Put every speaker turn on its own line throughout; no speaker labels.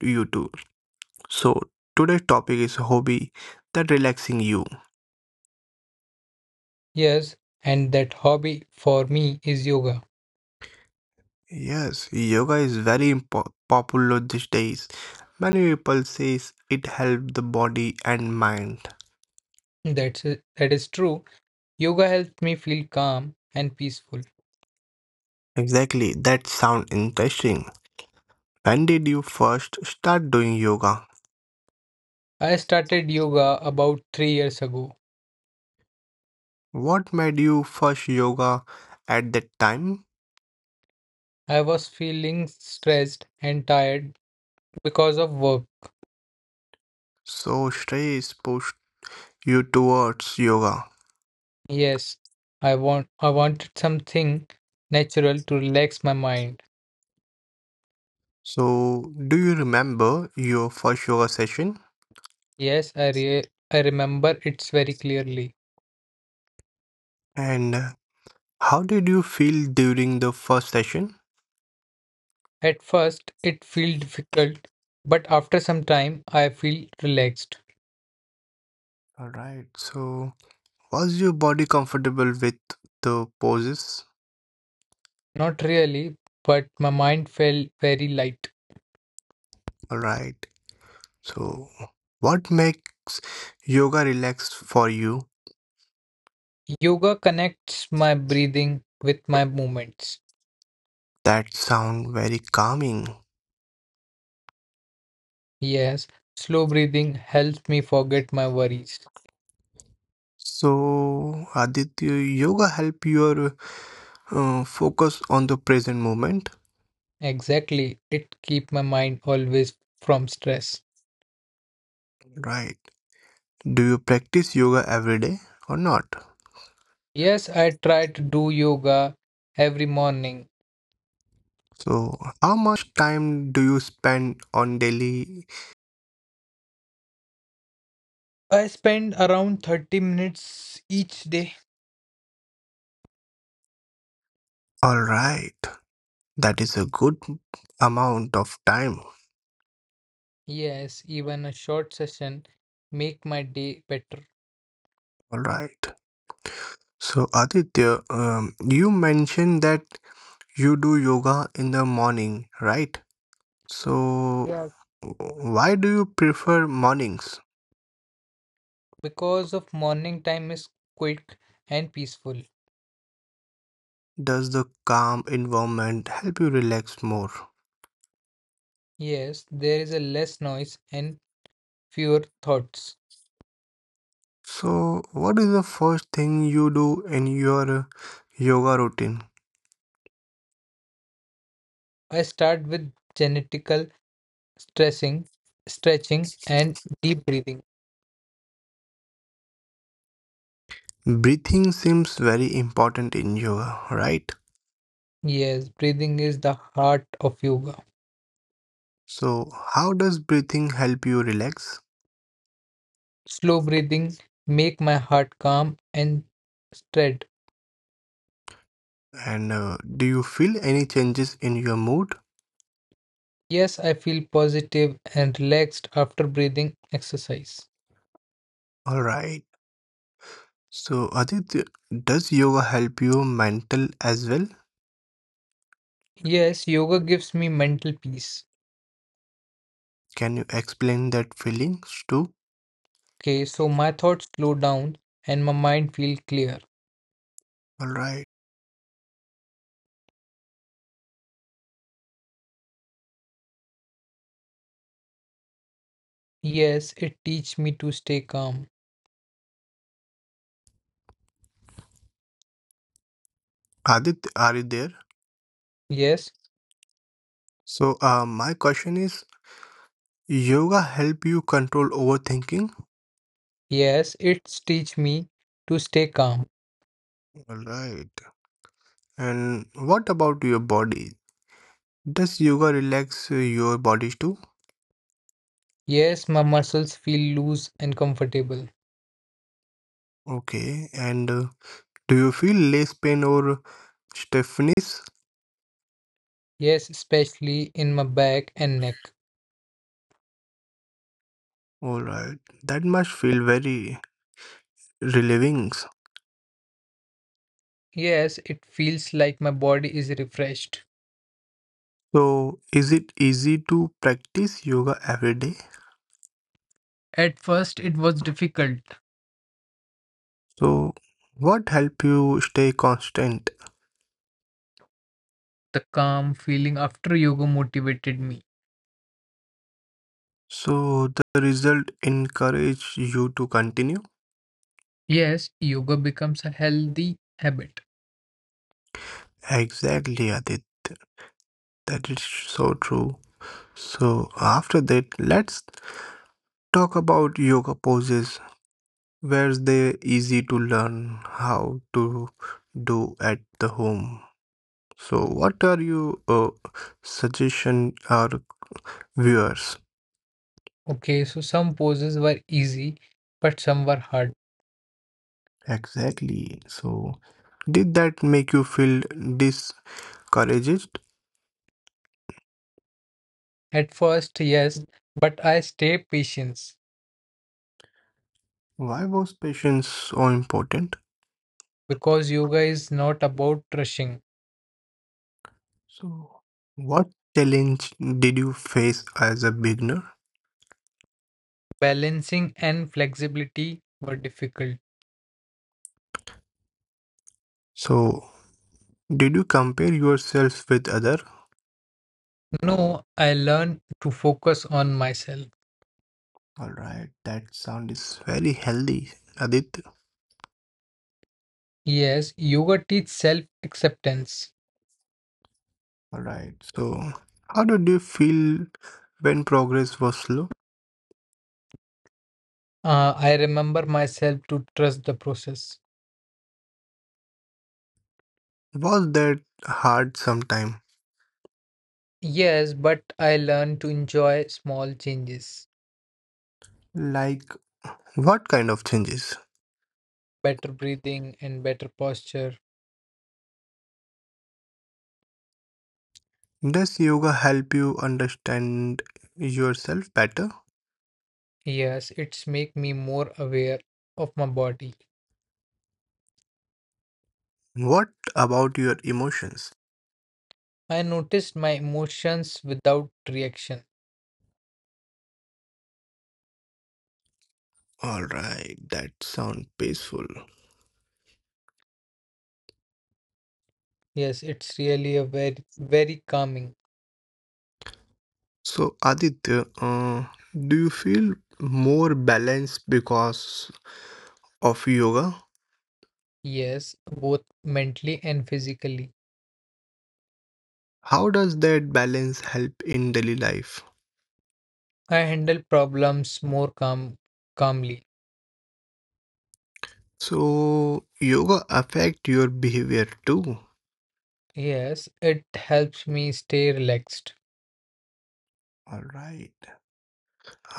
You too. So today's topic is hobby that relaxing you.
Yes, and that hobby for me is yoga.
Yes, yoga is very popular these days. Many people says it helps the body and mind.
That's it. That is true. Yoga helped me feel calm and peaceful.
Exactly, that sounds interesting. When did you first start doing yoga?
I started yoga about three years ago.
What made you first yoga at that time?
I was feeling stressed and tired because of work.
So stress pushed you towards yoga.
Yes, I wanted something natural to relax my mind.
So do you remember your first yoga session?
Yes, I remember it's very clearly.
And how did you feel during the first session?
At first it feel difficult, but after some time I feel relaxed.
Alright, so was your body comfortable with the poses?
Not really, but my mind felt very light.
Alright, so what makes yoga relaxed for you?
Yoga connects my breathing with my movements.
That sound very calming.
Yes, slow breathing helps me forget my worries.
So, Aditya, yoga help your focus on the present moment.
Exactly, it keep my mind always from stress.
Right. Do you practice yoga every day or not?
Yes, I try to do yoga every morning.
So, how much time do you spend on daily.
I spend around 30 minutes each day.
All right, that is a good amount of time.
Yes, even a short session make my day better.
All right. So, Aditya, you mentioned that you do yoga in the morning, right? So,
Yes,
why do you prefer mornings?
because of morning time is quick and peaceful.
Does the calm environment help you relax more?
Yes, there is a less noise and fewer thoughts.
So, what is the first thing you do in your yoga routine?
I start with genetical stressing, stretching and deep breathing.
Breathing seems very important in yoga, right?
Yes, breathing is the heart of yoga.
So, how does breathing help you relax?
Slow breathing make my heart calm and stead.
And do you feel any changes in your mood?
Yes, I feel positive and relaxed after breathing exercise.
All right. So, Aditya, does yoga help you mental as well?
Yes, yoga gives me mental peace.
Can you explain that feelings too?
Okay, so my thoughts slow down and my mind feel clear.
All right.
Yes, it teach me to stay calm.
Adit, are you there?
Yes,
So, my question is, yoga help you control overthinking?
yes, it teach me to stay calm.
All right. And what about your body? Does yoga relax your body too?
Yes, my muscles feel loose and comfortable.
Okay. And do you feel less pain or stiffness?
Yes, especially in my back and neck.
All right. That must feel very relieving.
Yes, it feels like my body is refreshed.
So, is it easy to practice yoga every day?
At first, it was difficult.
So, what help you stay constant?
The calm feeling after yoga motivated me.
So the result encourage you to continue?
Yes, yoga becomes a healthy habit.
Exactly, Adit. That is so true. So after that, let's talk about yoga poses. Where they easy to learn how to do at the home. So what are your suggestion our viewers?
Okay, so some poses were easy, but some were hard.
Exactly. So did that make you feel discouraged?
At first, yes, but I stay patience
Why was patience so important?
because yoga is not about rushing.
So, what challenge did you face as a beginner?
Balancing and flexibility were difficult.
So, did you compare yourself with other?
No, I learned to focus on myself.
All right, that sound is very healthy, Adit.
Yes, yoga teaches self-acceptance.
All right. So, how did you feel when progress was slow?
I remember myself to trust the process.
Was that hard sometime?
Yes, but I learned to enjoy small changes,
Like what kind of changes?
better breathing and better posture.
Does yoga help you understand yourself better?
Yes, it's make me more aware of my body.
What about your emotions?
I noticed my emotions without reaction.
All right, that sound peaceful.
Yes, it's really a very calming.
So, Aditya, do you feel more balanced because of yoga?
Yes, both mentally and physically.
How does that balance help in daily life?
I handle problems more calmly.
So, yoga affect your behavior too.
Yes, it helps me stay relaxed.
All right.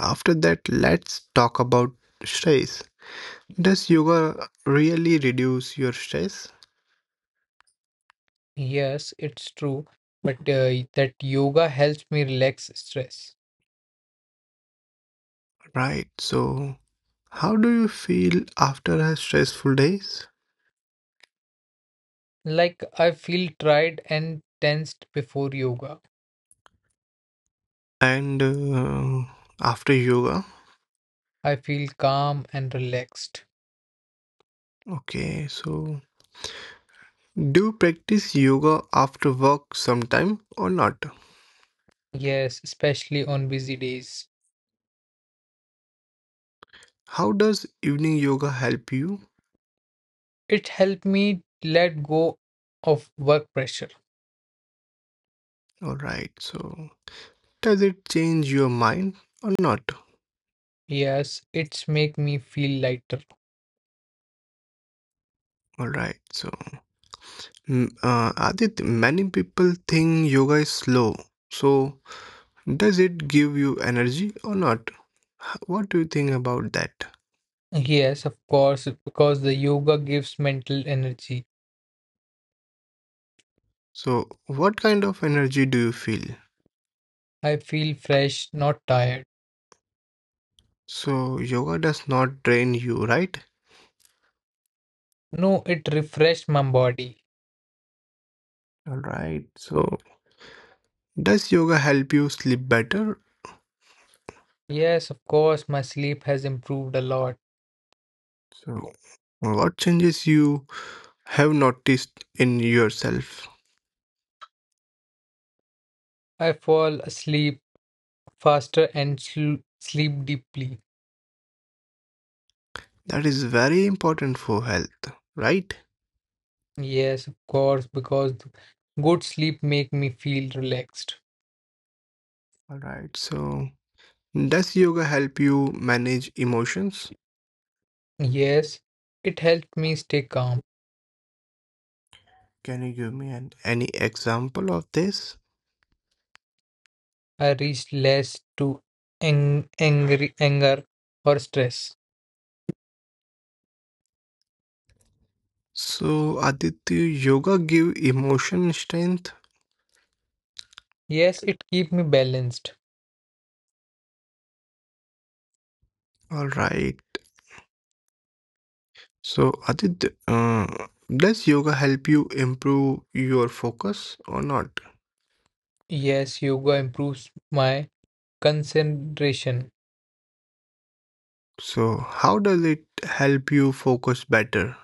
After that, let's talk about stress. Does yoga really reduce your stress?
Yes, it's true, but that yoga helps me relax stress.
Right. So, how do you feel after a stressful days
Like I feel tired and tensed before yoga.
and after yoga?
I feel calm and relaxed.
Okay, so do you practice yoga after work sometime or not?
Yes, especially on busy days.
How does evening yoga help you?
It helped me let go of work pressure.
Alright, so does it change your mind or not?
Yes, it's make me feel lighter.
Alright, so Adit, many people think yoga is slow. So does it give you energy or not? What do you think about that?
Yes, of course, because the yoga gives mental energy.
So what kind of energy do you feel?
I feel fresh, not tired.
So yoga does not drain you, right?
No, it refreshed my body.
Alright, so does yoga help you sleep better.
Yes, of course, my sleep has improved a lot.
So, what changes you have noticed in yourself?
I fall asleep faster and sleep deeply.
That is very important for health, right?
Yes, of course, because good sleep make me feel relaxed.
All right. So, does yoga help you manage emotions?
Yes, it helped me stay calm.
Can you give me any example of this?
I reached less to angry anger or stress.
So, Aditya, yoga give emotion strength.
Yes, it keep me balanced.
All right. So, Aditya, does yoga help you improve your focus or not?
Yes, yoga improves my concentration
So, how does it help you focus better?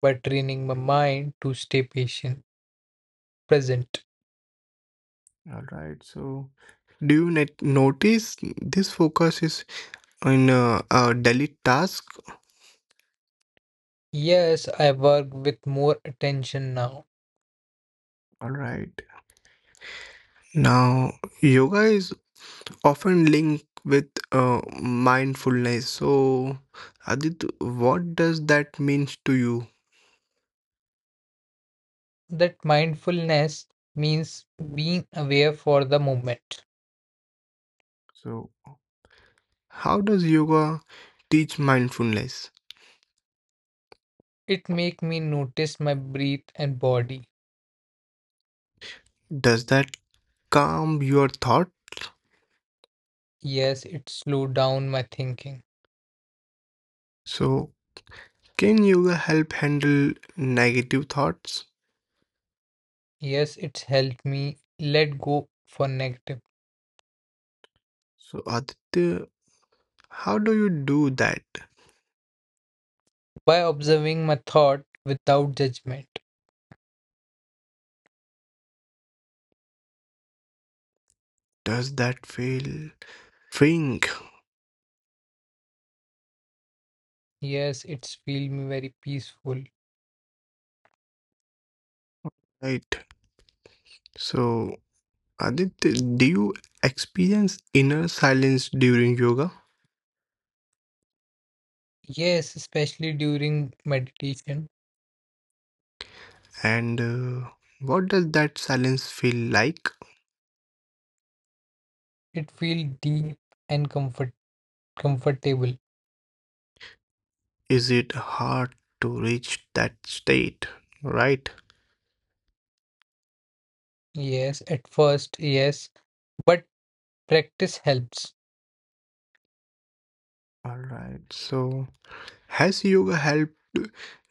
by training my mind to stay patient, present.
All right. So, do you net notice this focus is in a daily task?
Yes, I work with more attention now.
All right. Now, yoga is often linked with mindfulness. So, Adit, what does that means to you?
That mindfulness means being aware for the moment.
So, how does yoga teach mindfulness?
It make me notice my breath and body.
Does that calm your thought?
Yes, it slow down my thinking.
So, can yoga help handle negative thoughts?
Yes, it's helped me let go for negative
So, Aditya, how do you do that?
by observing my thought without judgment.
Does that feel think
Yes, it's feel me very peaceful.
right? So, Aditya, do you experience inner silence during yoga?
Yes, especially during meditation,
And what does that silence feel like?
it feel deep and comfortable.
Is it hard to reach that state? Right?
Yes, at first, yes, but practice helps.
All right. So, has yoga helped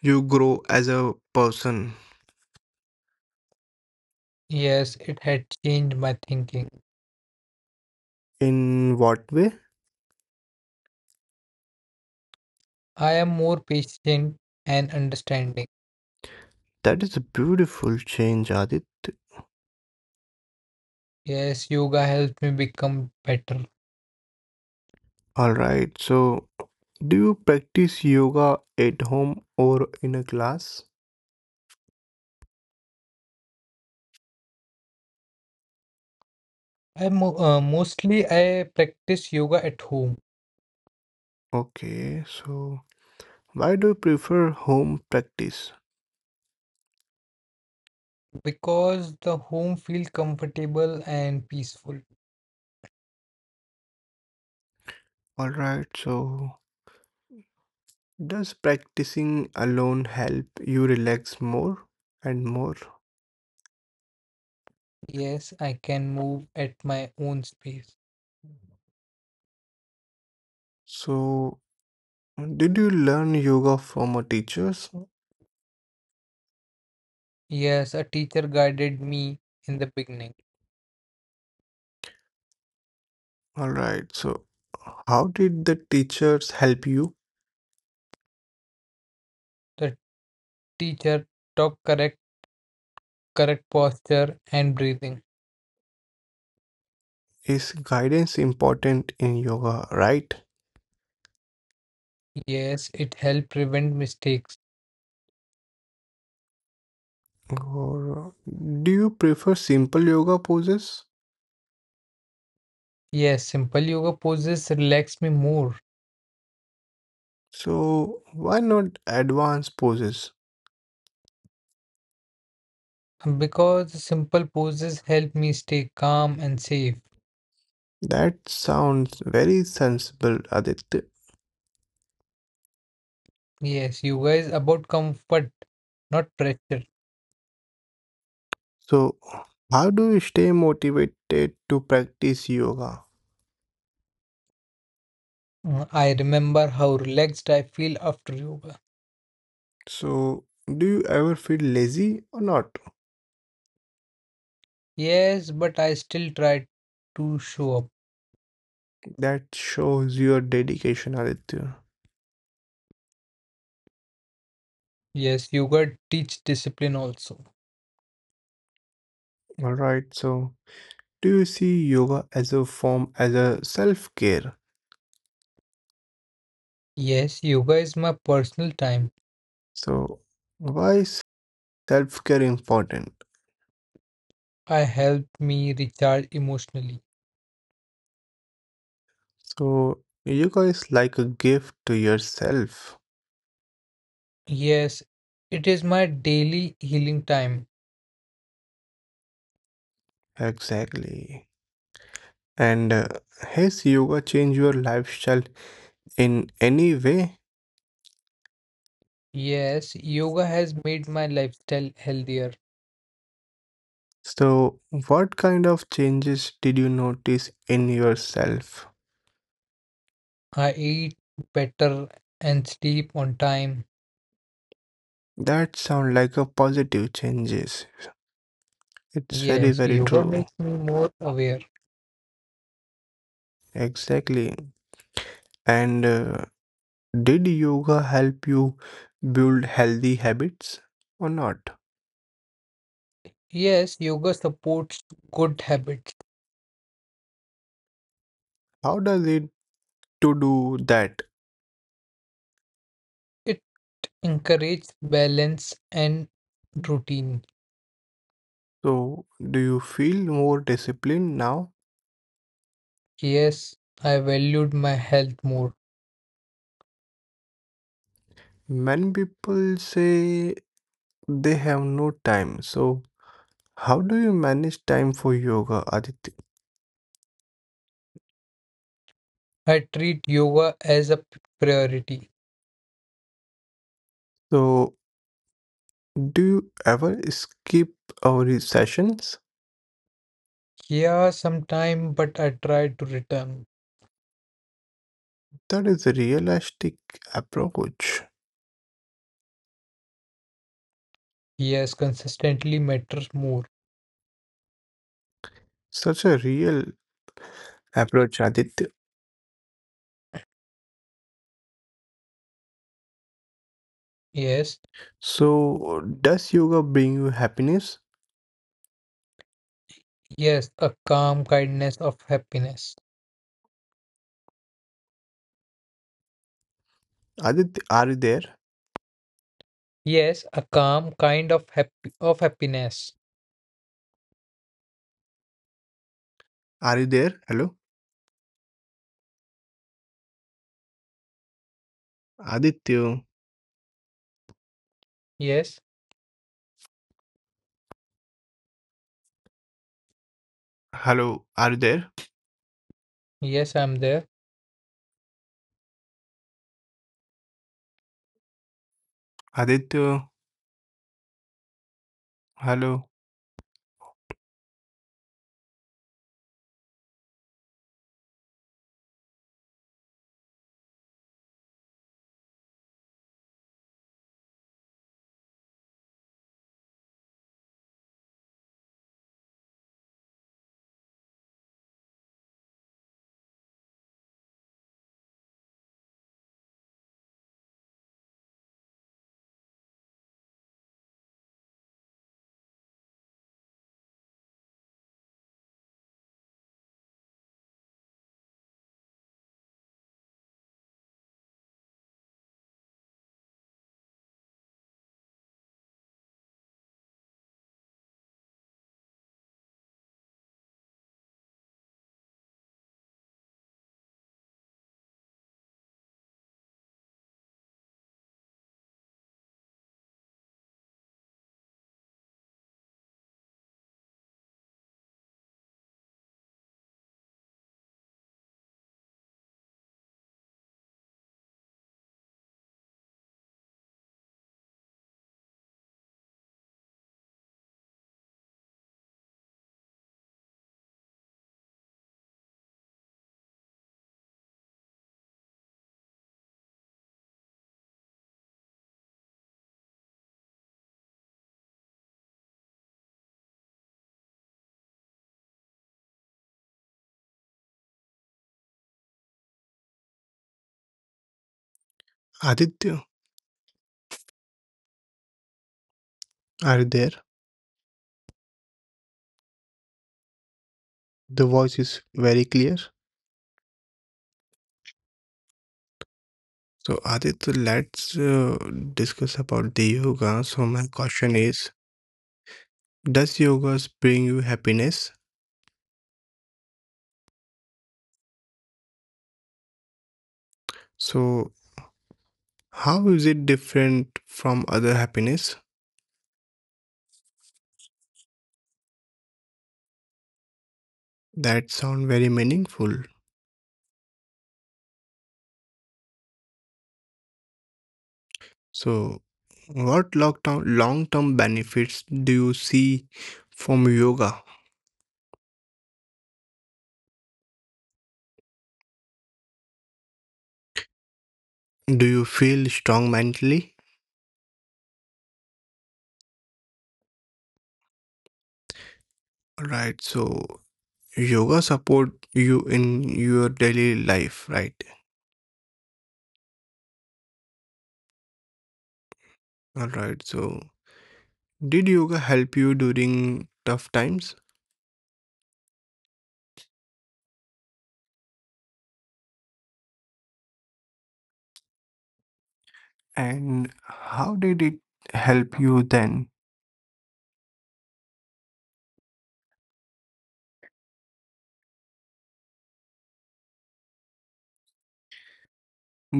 you grow as a person?
Yes, it had changed my thinking.
In what way?
I am more patient and understanding.
That is a beautiful change, Adit.
Yes, yoga helps me become better.
All right. So, do you practice yoga at home or in a class?
I mo Mostly I practice yoga at home
Okay, so why do you prefer home practice?
because the home feels comfortable and peaceful.
Alright, so does practicing alone help you relax more and more?
Yes, I can move at my own space.
So, did you learn yoga from a teachers?
Yes, a teacher guided me in the beginning.
Alright, so how did the teachers help you?
The teacher taught correct posture and breathing.
Is guidance important in yoga, right?
Yes, it helped prevent mistakes.
Or do you prefer simple yoga poses?
Yes, simple yoga poses relax me more
So, why not advanced poses?
because simple poses help me stay calm and safe.
That sounds very sensible, Aditya.
Yes, you guys about comfort, not pressure.
So, how do you stay motivated to practice yoga?
I remember how relaxed I feel after yoga.
So, do you ever feel lazy or not?
Yes, but I still try to show up.
That shows your dedication, Aditya.
Yes, yoga teach discipline also.
Alright, so do you see yoga as a form as a self-care?
Yes, yoga is my personal time.
So, why self-care important?
I help me recharge emotionally.
So, yoga is like a gift to yourself.
Yes, it is my daily healing time.
Exactly. And has yoga changed your lifestyle in any way?
Yes, yoga has made my lifestyle healthier.
So, what kind of changes did you notice in yourself?
I eat better and sleep on time.
That sound like a positive changes. It's very
Yes,
very
yoga
true.
makes me more aware.
Exactly. And did yoga help you build healthy habits or not?
Yes, yoga supports good habits.
How does it to do that?
It encourages balance and routine.
So, do you feel more disciplined now?
Yes, I valued my health more.
Many people say they have no time. So, how do you manage time for yoga, Aditya?
I treat yoga as a priority.
So, do you ever skip our sessions?
Yeah, sometime, but I try to return.
That is a realistic approach.
Yes, consistently matters more.
Such a real approach, Aditya.
Yes,
So, does yoga bring you happiness?
yes, a calm kindness of happiness.
Aditya, are you there?
Yes, a calm kind of happy of happiness.
Are you there? Hello? Aditya.
Yes,
Hello, are you there?
yes, I'm there.
Aditya. Hello. Aditya, are you there? The voice is very clear. So, Aditya, let's discuss about the yoga. So, my question is, does yoga bring you happiness? So, how is it different from other happiness? That sound very meaningful. So, what long term benefits do you see from yoga? Do you feel strong mentally? Right. So, yoga support you in your daily life, right? All right. So, did yoga help you during tough times? And how did it help you then?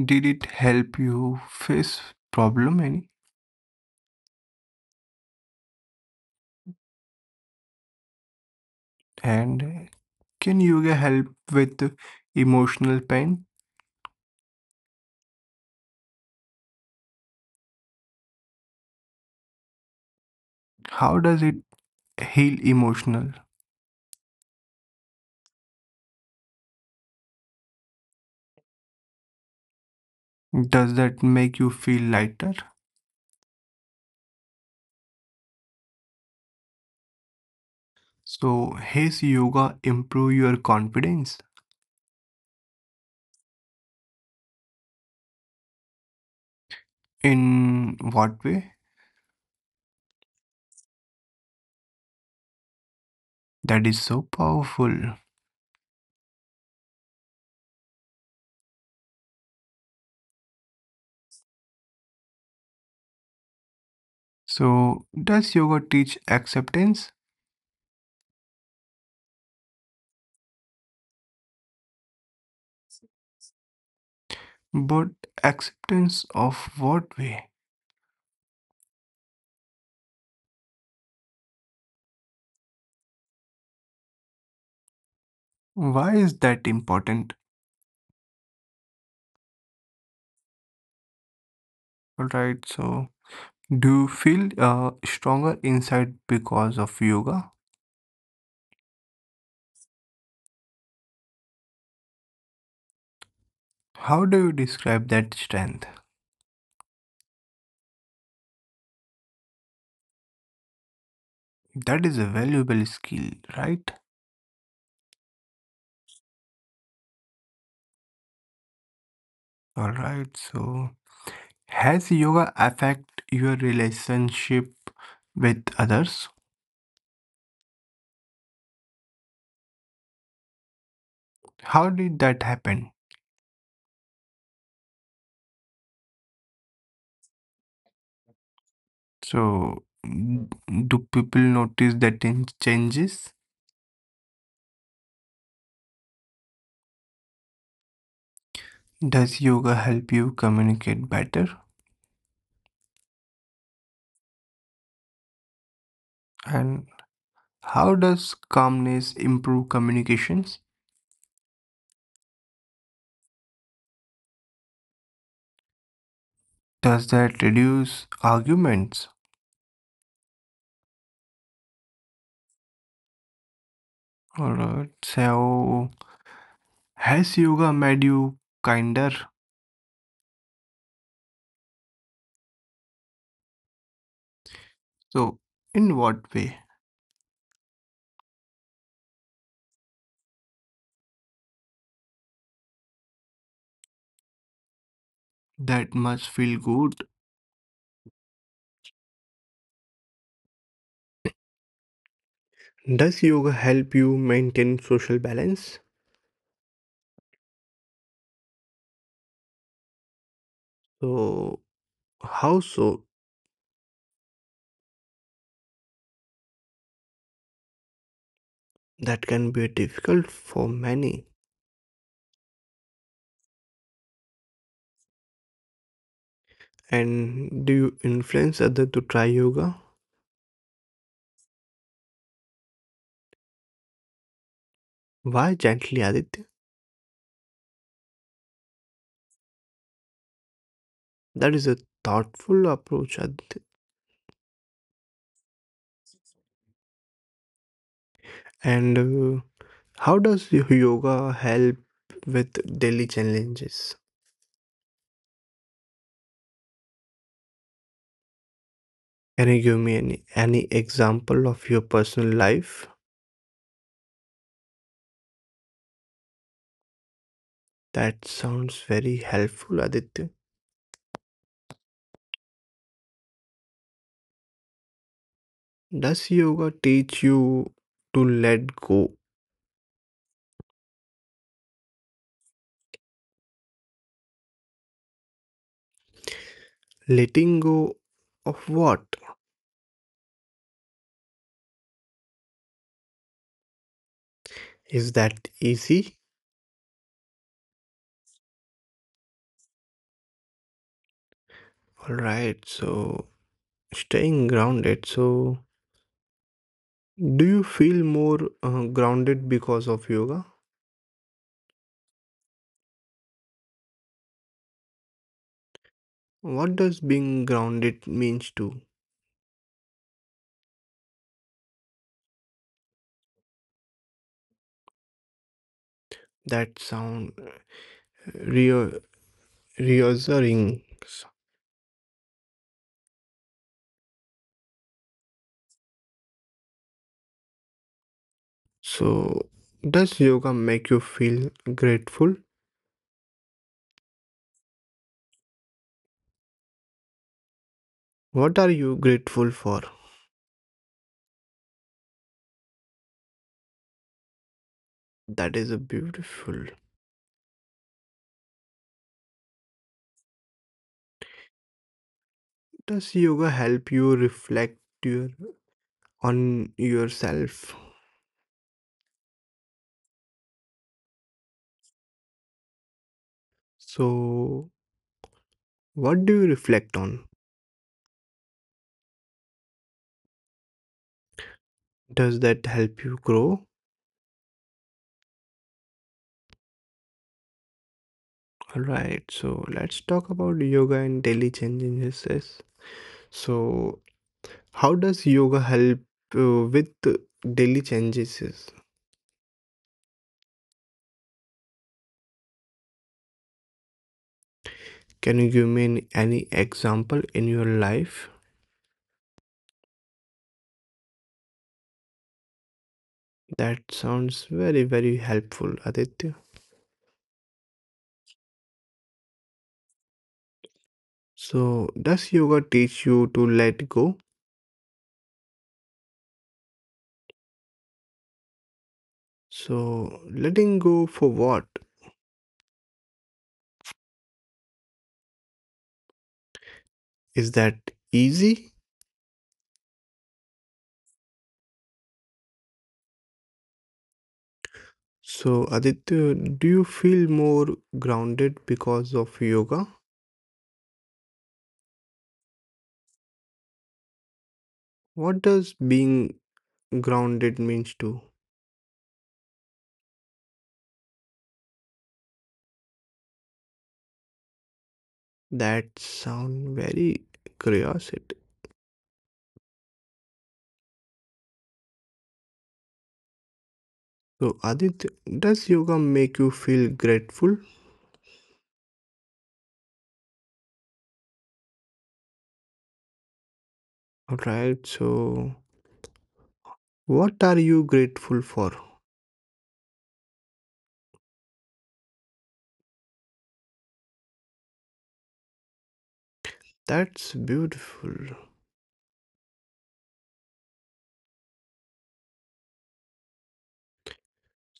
Did it help you face problem any? And can yoga help with emotional pain? How does it heal emotional? Does that make you feel lighter? So, has yoga improve your confidence? In what way? That is so powerful. So, does yoga teach acceptance? But acceptance of what way? Why is that important? Alright, so do you feel stronger inside because of yoga? How do you describe that strength? That is a valuable skill, right? Alright, so has yoga affect your relationship with others? How did that happen? So, do people notice that in changes? Does yoga help you communicate better? And how does calmness improve communications? Does that reduce arguments? Alright, so has yoga made you kinder? So, in what way? That must feel good. Does yoga help you maintain social balance? So, how so? That can be difficult for many. And do you influence others to try yoga? Why gently, Aditya? That is a thoughtful approach, Aditya. And uh, how does yoga help with daily challenges? Can you give me any example of your personal life? That sounds very helpful, Aditya. Does yoga teach you to let go? Letting go of what? Is that easy? Alright, so staying grounded. So, do you feel more grounded because of yoga? What does being grounded means to? That sound reo- reassuring. So, does yoga make you feel grateful? What are you grateful for? That is a beautiful. Does yoga help you reflect your, on yourself? So, what do you reflect on? Does that help you grow? Alright, so let's talk about yoga and daily changes. So, how does yoga help with daily changes? Can you give me any example in your life? That sounds very, very helpful, Aditya. So, does yoga teach you to let go? So, letting go for what? Is that easy? So, Aditya, do you feel more grounded because of yoga? What does being grounded means to? That sound very curiosity. So, Aditya, does yoga make you feel grateful? All right, so what are you grateful for? That's beautiful.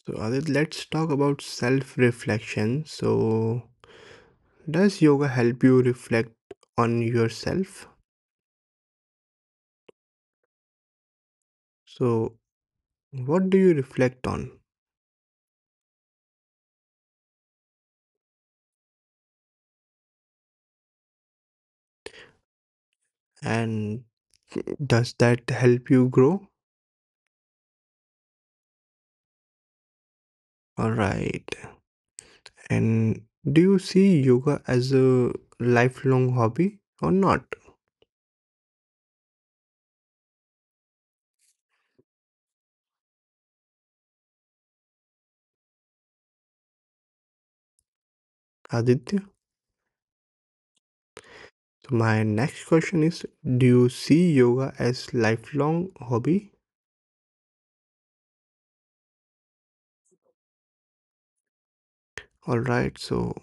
So, Adit, let's talk about self reflection. So, does yoga help you reflect on yourself? So, what do you reflect on? And does that help you grow? All right. And do you see yoga as a lifelong hobby or not, Aditya? So, my next question is, do you see yoga as lifelong hobby? All right, so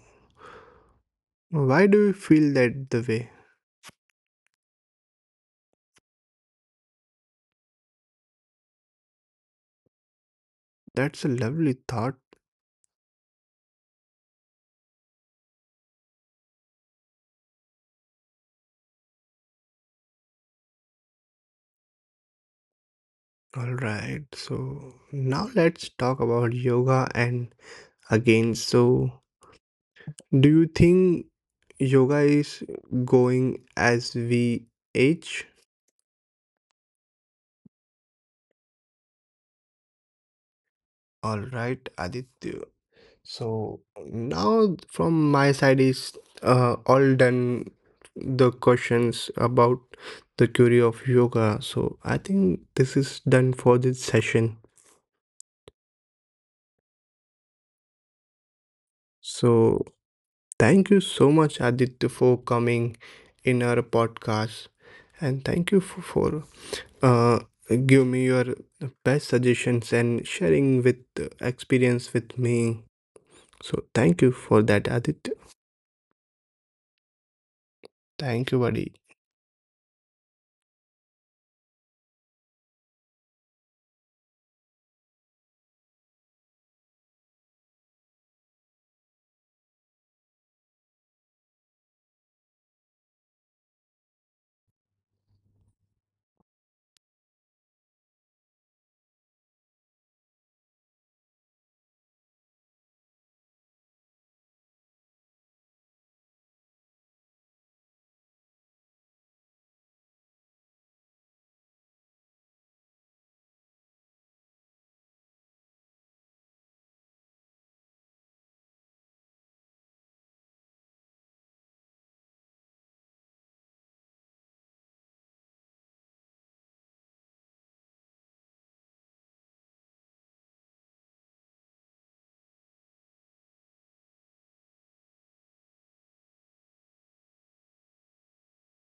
why do you feel that the way? That's a lovely thought. All right. So now let's talk about yoga and again. So do you think yoga is going as we age? All right, Aditya. So now from my side is all done the questions about the theory of yoga. So I think this is done for this session. So thank you so much, Aditya, for coming in our podcast. And thank you for uh, giving me your best suggestions and sharing with experience with me. So thank you for that, Aditya. Thank you, buddy.